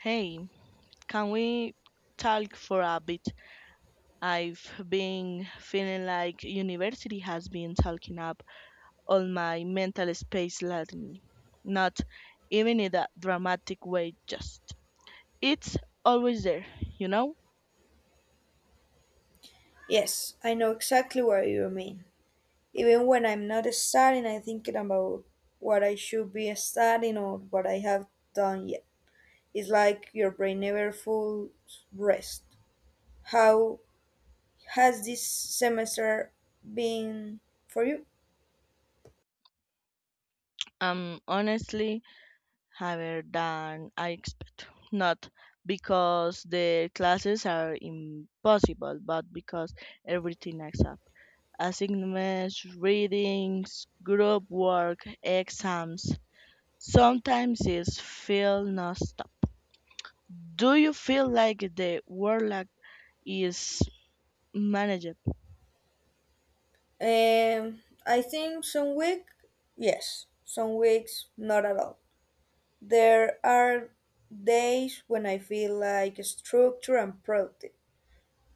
Hey, can we talk for a bit? I've been feeling like university has been talking up all my mental space lately. Not even in a dramatic way, just it's always there, you know? Yes, I know exactly what you mean. Even when I'm not studying, I'm thinking about what I should be studying or what I have done yet. It's like your brain never full rest. How has this semester been for you? I'm honestly higher than I expect. Not because the classes are impossible, but because everything adds up. Assignments, readings, group work, exams. Sometimes it feels non-stop. Do you feel like the workload is manageable? Um, I think some week, yes, some weeks not at all. There are days when I feel like structured and productive,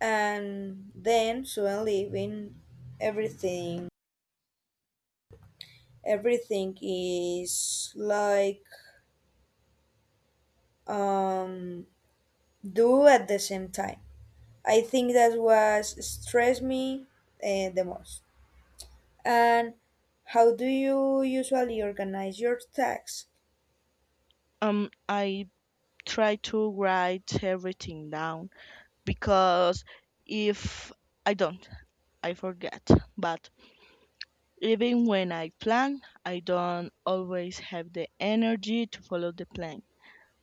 and then suddenly when everything everything is like um do at the same time. I think that was stress me the most. And how do you usually organize your tasks? I try to write everything down because if I don't, I forget. But even when I plan, I don't always have the energy to follow the plan.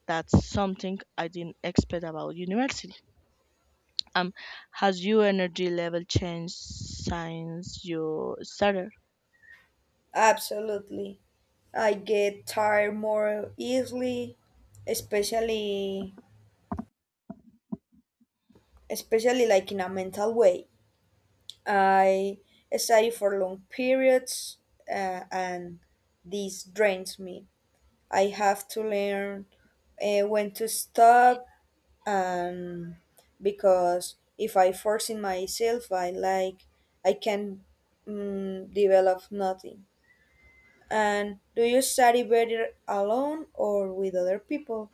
That's something I didn't expect about university. Um, has your energy level changed since you started? Absolutely, I get tired more easily, especially especially like in a mental way. I study for long periods, and this drains me. I have to learn when to stop, and because if I force in myself, I like I can develop nothing. And do you study better alone or with other people?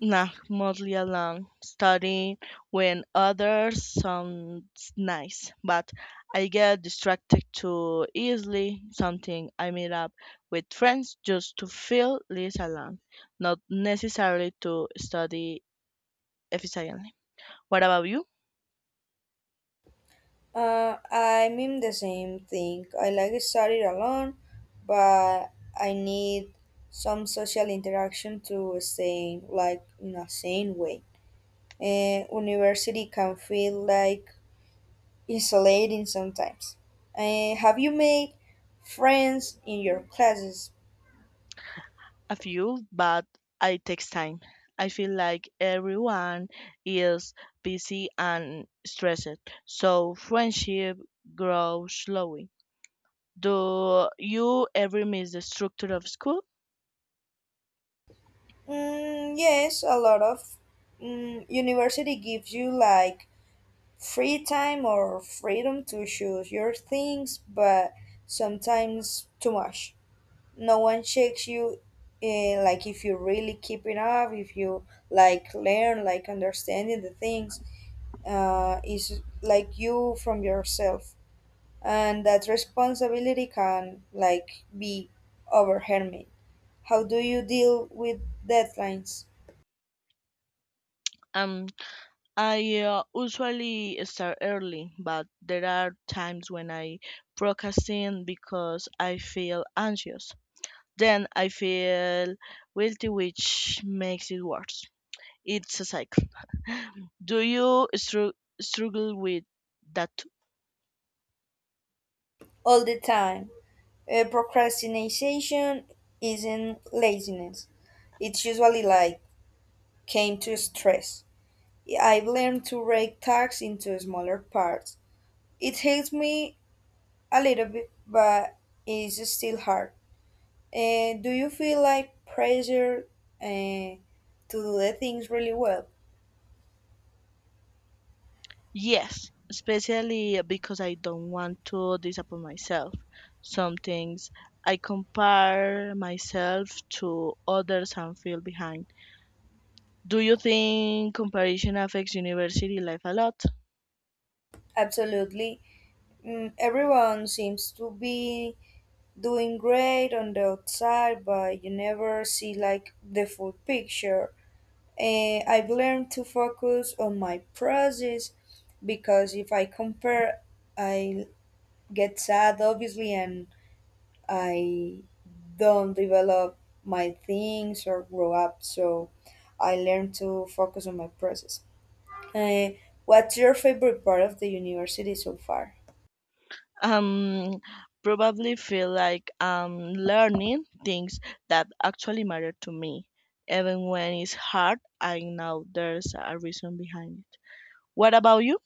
Nah, mostly alone, studying when others sounds nice, but I get distracted too easily. Something I meet up with friends just to feel less alone, not necessarily to study efficiently. What about you? I mean the same thing. I like to study alone, but I need some social interaction to stay like in a sane way. University can feel like isolating sometimes. Have you made friends in your classes? A few, but it takes time. I feel like everyone is busy and stressed, so friendship grows slowly. Do you ever miss the structure of school? Mm, yes, a lot of. Mm, university gives you like free time or freedom to choose your things, but sometimes too much. No one checks you, like if you really keeping up, if you like learn, like understanding the things, is like you from yourself, and that responsibility can like be overwhelming. How do you deal with deadlines? Um, I usually start early, but there are times when I procrastinate because I feel anxious. Then I feel guilty, which makes it worse. It's a cycle. Do you struggle with that too? All the time. Procrastination isn't laziness. It's usually like came to stress. I've learned to break tasks into smaller parts. It helps me a little bit, but it's still hard. Do you feel like pressure to do the things really well? Yes, especially because I don't want to disappoint myself. Some things I compare myself to others and feel behind. Do you think comparison affects university life a lot? Absolutely. Mm, everyone seems to be doing great on the outside, but you never see like the full picture. And I've learned to focus on my process, because if I compare, I get sad obviously, and I don't develop my things or grow up. So I learned to focus on my process. Uh, what's your favorite part of the university so far? Um, Probably feel like I'm learning things that actually matter to me. Even when it's hard, I know there's a reason behind it. What about you?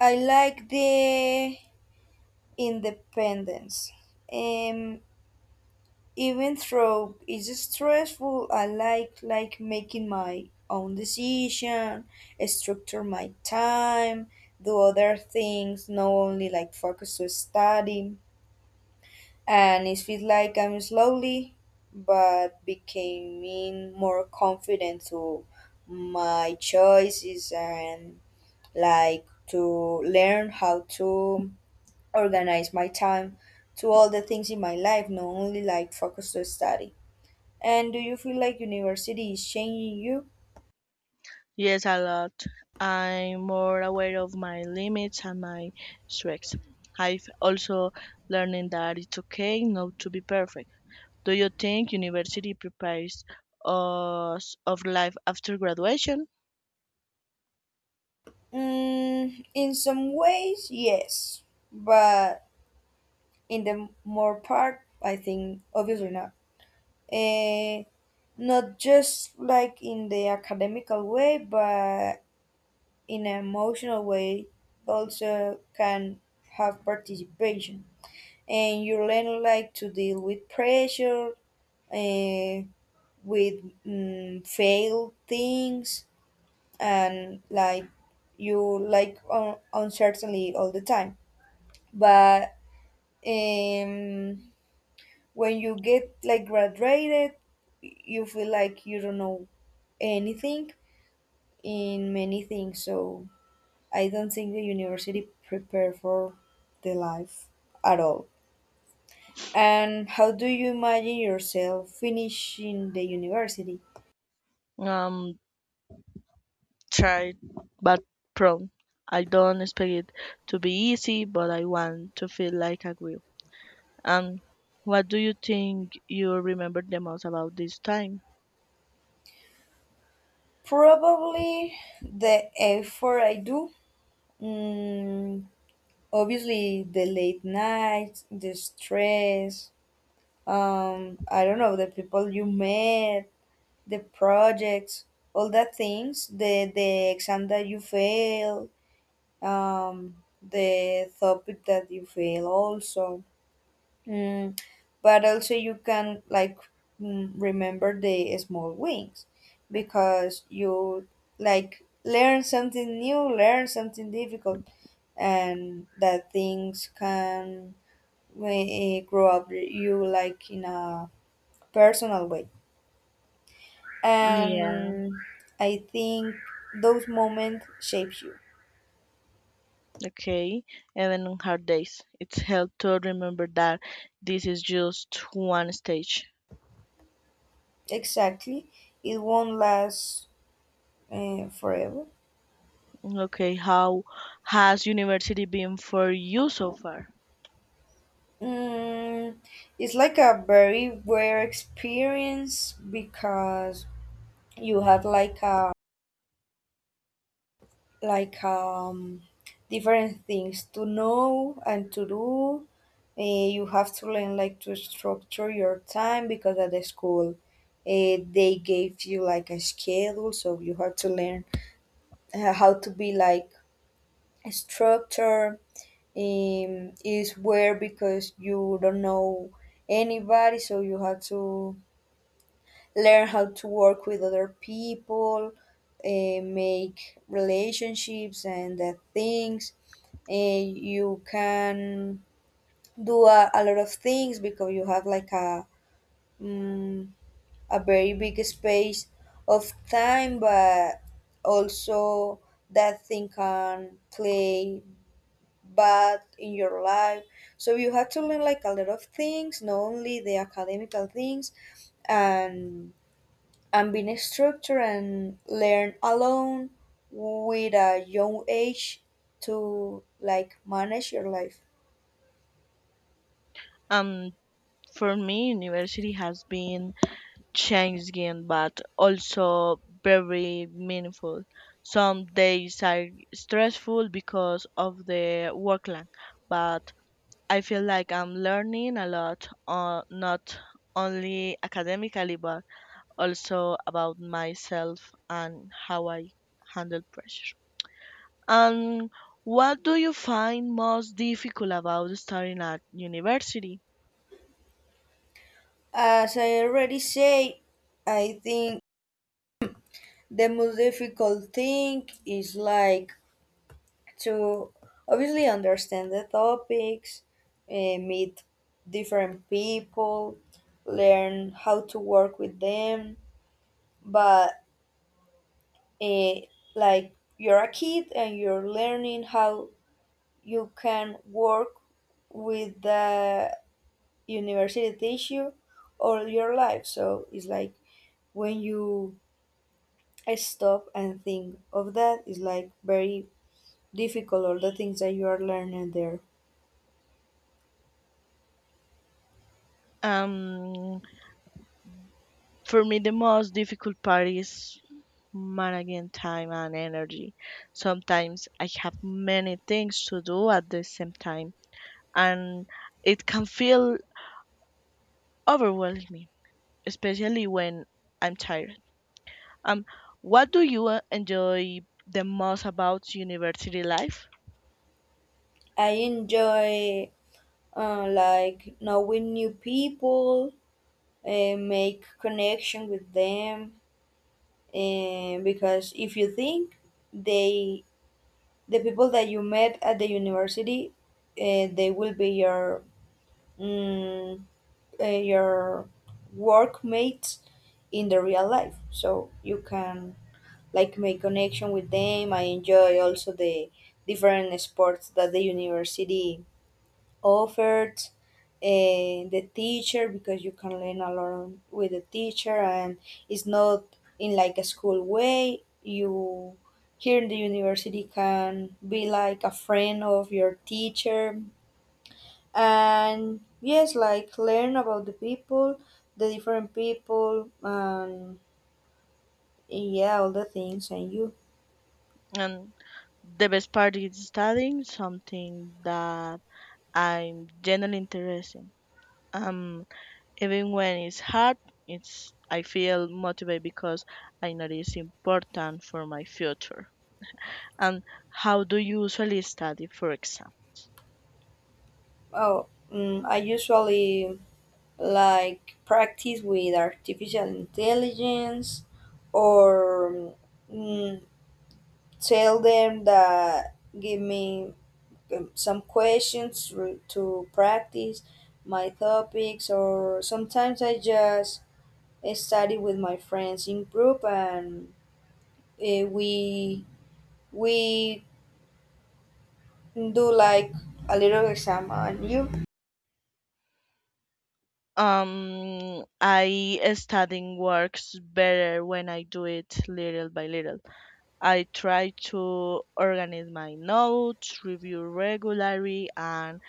I like the independence. Um, even though it's stressful, I like making my own decision, structure my time, do other things, not only like focus to study. And it feels like I'm slowly but becoming more confident to my choices and like to learn how to organize my time to all the things in my life, not only like focus to study. And do you feel like university is changing you? Yes, a lot. I'm more aware of my limits and my strengths. I've also learning that it's okay not to be perfect. Do you think university prepares us of life after graduation? Mm, in some ways, yes, but in the more part, I think obviously not. Eh, Not just like in the academical way, but in an emotional way, also can have participation. And you learn like to deal with pressure, eh, with failed things and like you like uncertainty all the time, but um, when you get like graduated, you feel like you don't know anything in many things. So I don't think the university prepare for the life at all. And how do you imagine yourself finishing the university? Um, Tried but prone. I don't expect it to be easy, but I want to feel like I will. And what do you think you remember the most about this time? Probably the effort I do. Mm, obviously, the late nights, the stress, I don't know, the people you met, the projects, all that things, the exam that you fail, um, the topic that you fail also. Mm, but also you can like remember the small wins because you like learn something new, learn something difficult, and that things can grow up you like in a personal way. Yeah. And I think those moments shapes you. Okay, even on hard days, it's helped to remember that this is just one stage. Exactly, it won't last forever. Okay, how has university been for you so far? Mm, it's like a very rare experience because you have like a like different things to know and to do. You have to learn like to structure your time, because at the school they gave you like a schedule, so you have to learn how to be like a structure. Is where because you don't know anybody, so you have to learn how to work with other people, make relationships and things. And you can do a lot of things because you have like um, a very big space of time, but also that thing can play bad in your life. So you have to learn like a lot of things, not only the academical things, and and being structured and learn alone with a young age to like manage your life. Um, for me, university has been changing, but also very meaningful. Some days are stressful because of the workload, but I feel like I'm learning a lot, not only academically, but also about myself and how I handle pressure. And what do you find most difficult about studying at university? As I already say, I think the most difficult thing is like to obviously understand the topics, meet different people, learn how to work with them, but eh, like you're a kid and you're learning how you can work with the university issue all your life. So it's like when you stop and think of that, it's like very difficult all the things that you are learning there. Um, for me, the most difficult part is managing time and energy. Sometimes I have many things to do at the same time, and it can feel overwhelming, especially when I'm tired. Um, what do you enjoy the most about university life? I enjoy like knowing new people, make connection with them, and because if you think they the people that you met at the university, they will be your mm, your workmates in the real life, so you can like make connection with them. I enjoy also the different sports that the university offered, the teacher, because you can learn a lot with the teacher and it's not in like a school way. You here in the university can be like a friend of your teacher. And yes, like learn about the people, the different people, and yeah, all the things. And you? And the best part is studying something that I'm genuinely interested. In. Um, Even when it's hard, it's I feel motivated because I know it's important for my future. And how do you usually study for exam? Oh, mm, I usually like practice with artificial intelligence or mm, tell them that give me some questions to practice my topics. Or sometimes I just study with my friends in group, and eh, we we do like a little exam on you. I studying works better when I do it little by little. I try to organize my notes, review regularly, and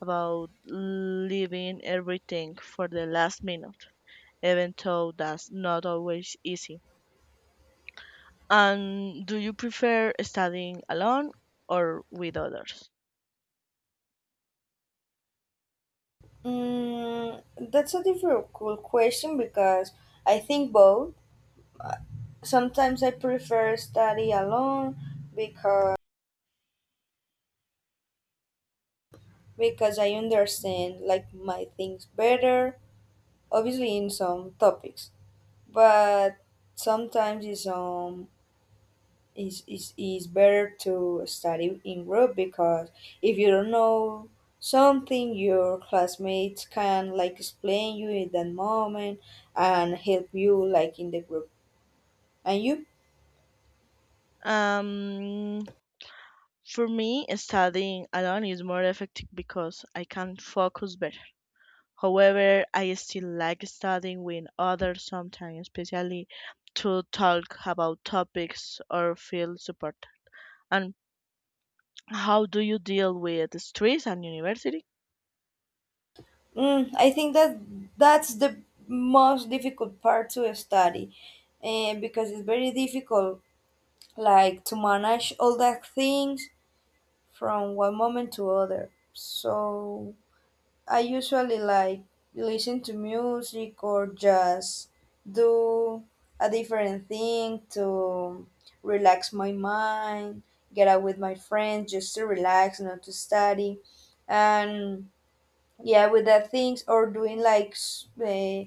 about leaving everything for the last minute, even though that's not always easy. And do you prefer studying alone or with others? Mm, that's a difficult question because I think both. Sometimes I prefer study alone because I understand like my things better. Obviously, in some topics, but sometimes in some it's better to study in group, because if you don't know something, your classmates can like explain you in that moment and help you like in the group. And you? Um, for me, studying alone is more effective because I can focus better. However, I still like studying with others sometimes, especially to talk about topics or feel support. And how do you deal with stress and university? Mm, I think that that's the most difficult part to study, and because it's very difficult like to manage all that things from one moment to other. So I usually like listen to music, or just do a different thing to relax my mind, get out with my friends just to relax, not to study. And yeah, with that things, or doing like uh,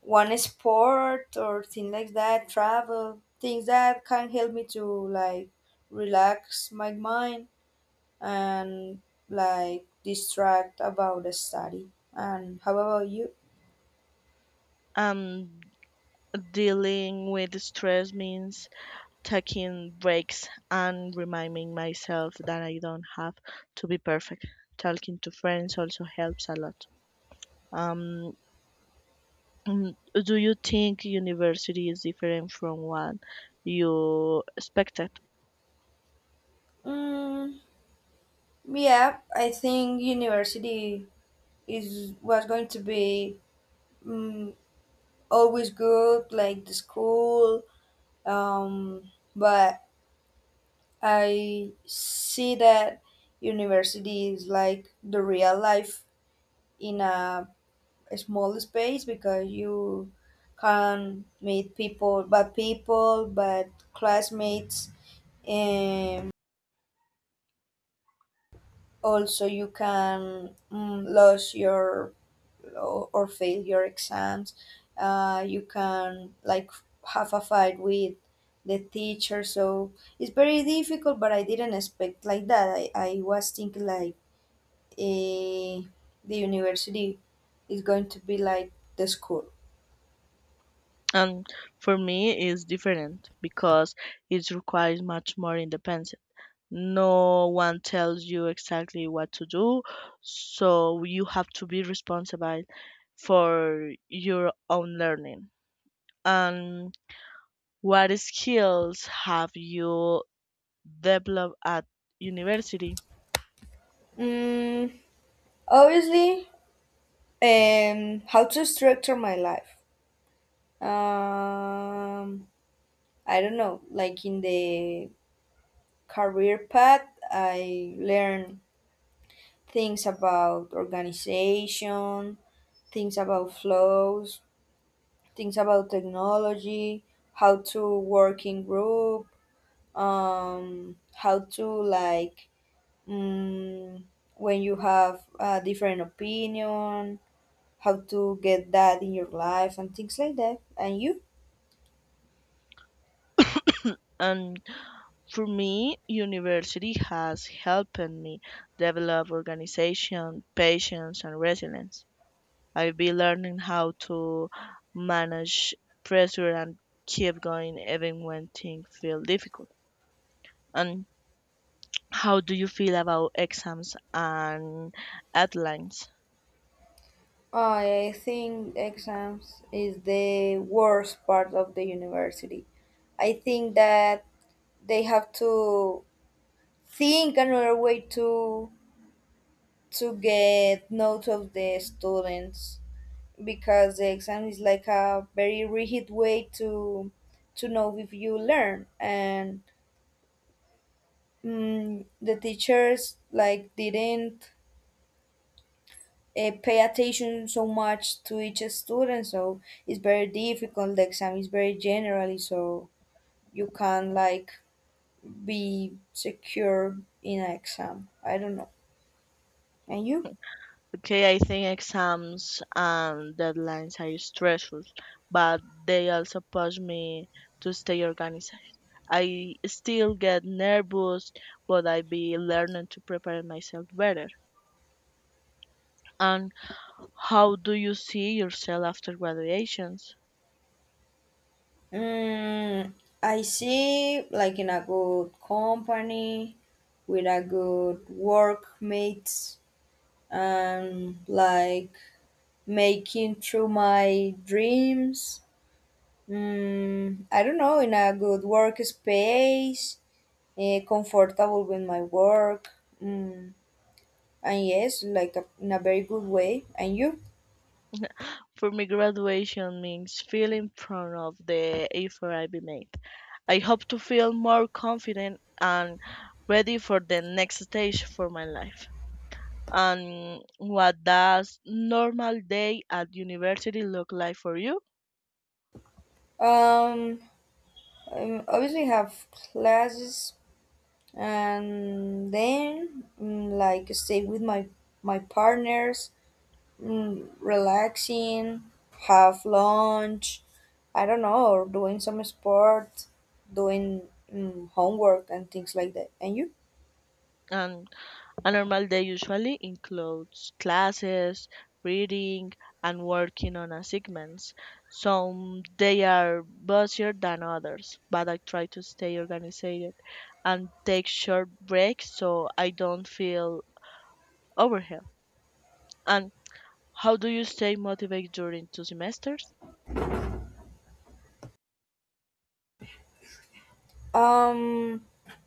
one sport or thing like that, travel, things that can help me to like relax my mind and like distract about the study. And how about you? Um, Dealing with stress means taking breaks and reminding myself that I don't have to be perfect. Talking to friends also helps a lot. Um, mm, do you think university is different from what you expected? Mm, yeah, I think university is was going to be mm, always good, like the school. But I see that university is like the real life in a small space, because you can meet people, but classmates. Um, also, you can lose your or fail your exams. You can like have a fight with the teacher. So it's very difficult, but I didn't expect like that. I was thinking like eh, the university is going to be like the school. And for me it's different because it requires much more independence. No one tells you exactly what to do, so you have to be responsible for your own learning. And what skills have you developed at university? Mm, obviously, how to structure my life. Um, I don't know, like in the career path. I learned things about organization, things about flows, things about technology, how to work in group, how to like mm, when you have a different opinion, how to get that in your life and things like that. And you? And for me university has helped me develop organization, patience and resilience. I'll be learning how to manage pressure and keep going even when things feel difficult. And how do you feel about exams and deadlines? I think exams is the worst part of the university. I think that they have to think another way to get notes of the students, because the exam is like a very rigid way to know if you learn. And mm, the teachers like didn't pay attention so much to each student, so it's very difficult. The exam is very generally, so you can't like be secure in an exam, I don't know. And you? Okay, I think exams and deadlines are stressful, but they also push me to stay organized. I still get nervous, but I be learning to prepare myself better. And how do you see yourself after graduations? Mm, I see, like in a good company, with a good workmates, and like making through my dreams. Mm, I don't know, in a good workspace, comfortable with my work. Mm, and yes, like a, in a very good way. And you? For me, graduation means feeling proud of the effort I've made. I hope to feel more confident and ready for the next stage for my life. And what does normal day at university look like for you? Um, Obviously have classes, and then like stay with my partners, mm, relaxing, have lunch, I don't know, or doing some sport, doing homework and things like that. And you? And a normal day usually includes classes, reading, and working on assignments. Some they are busier than others, but I try to stay organized and take short breaks so I don't feel overwhelmed. And how do you stay motivated during two semesters? um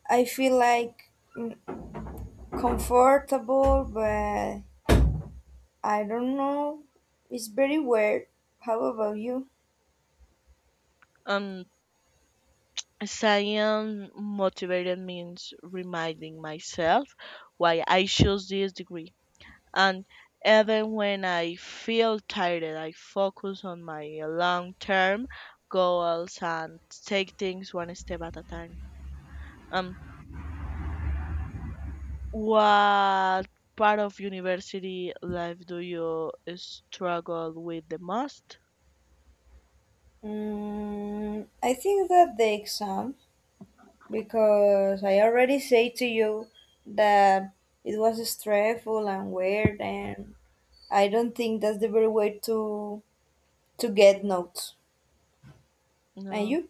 I feel like comfortable, but I don't know, it's very weird. How about you? Um, Staying motivated means reminding myself why I chose this degree. And even when I feel tired, I focus on my long term goals and take things one step at a time. Um, what part of university life do you struggle with the most? Mm, I think that the exam, because I already say to you that it was stressful and weird, and I don't think that's the very way to get notes. And No. you?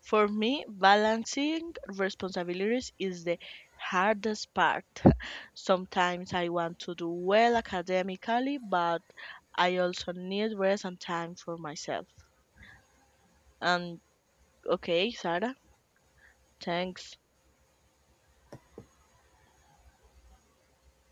For me, balancing responsibilities is the hardest part. Sometimes I want to do well academically, but I also need rest and time for myself. And okay, Sarah, thanks.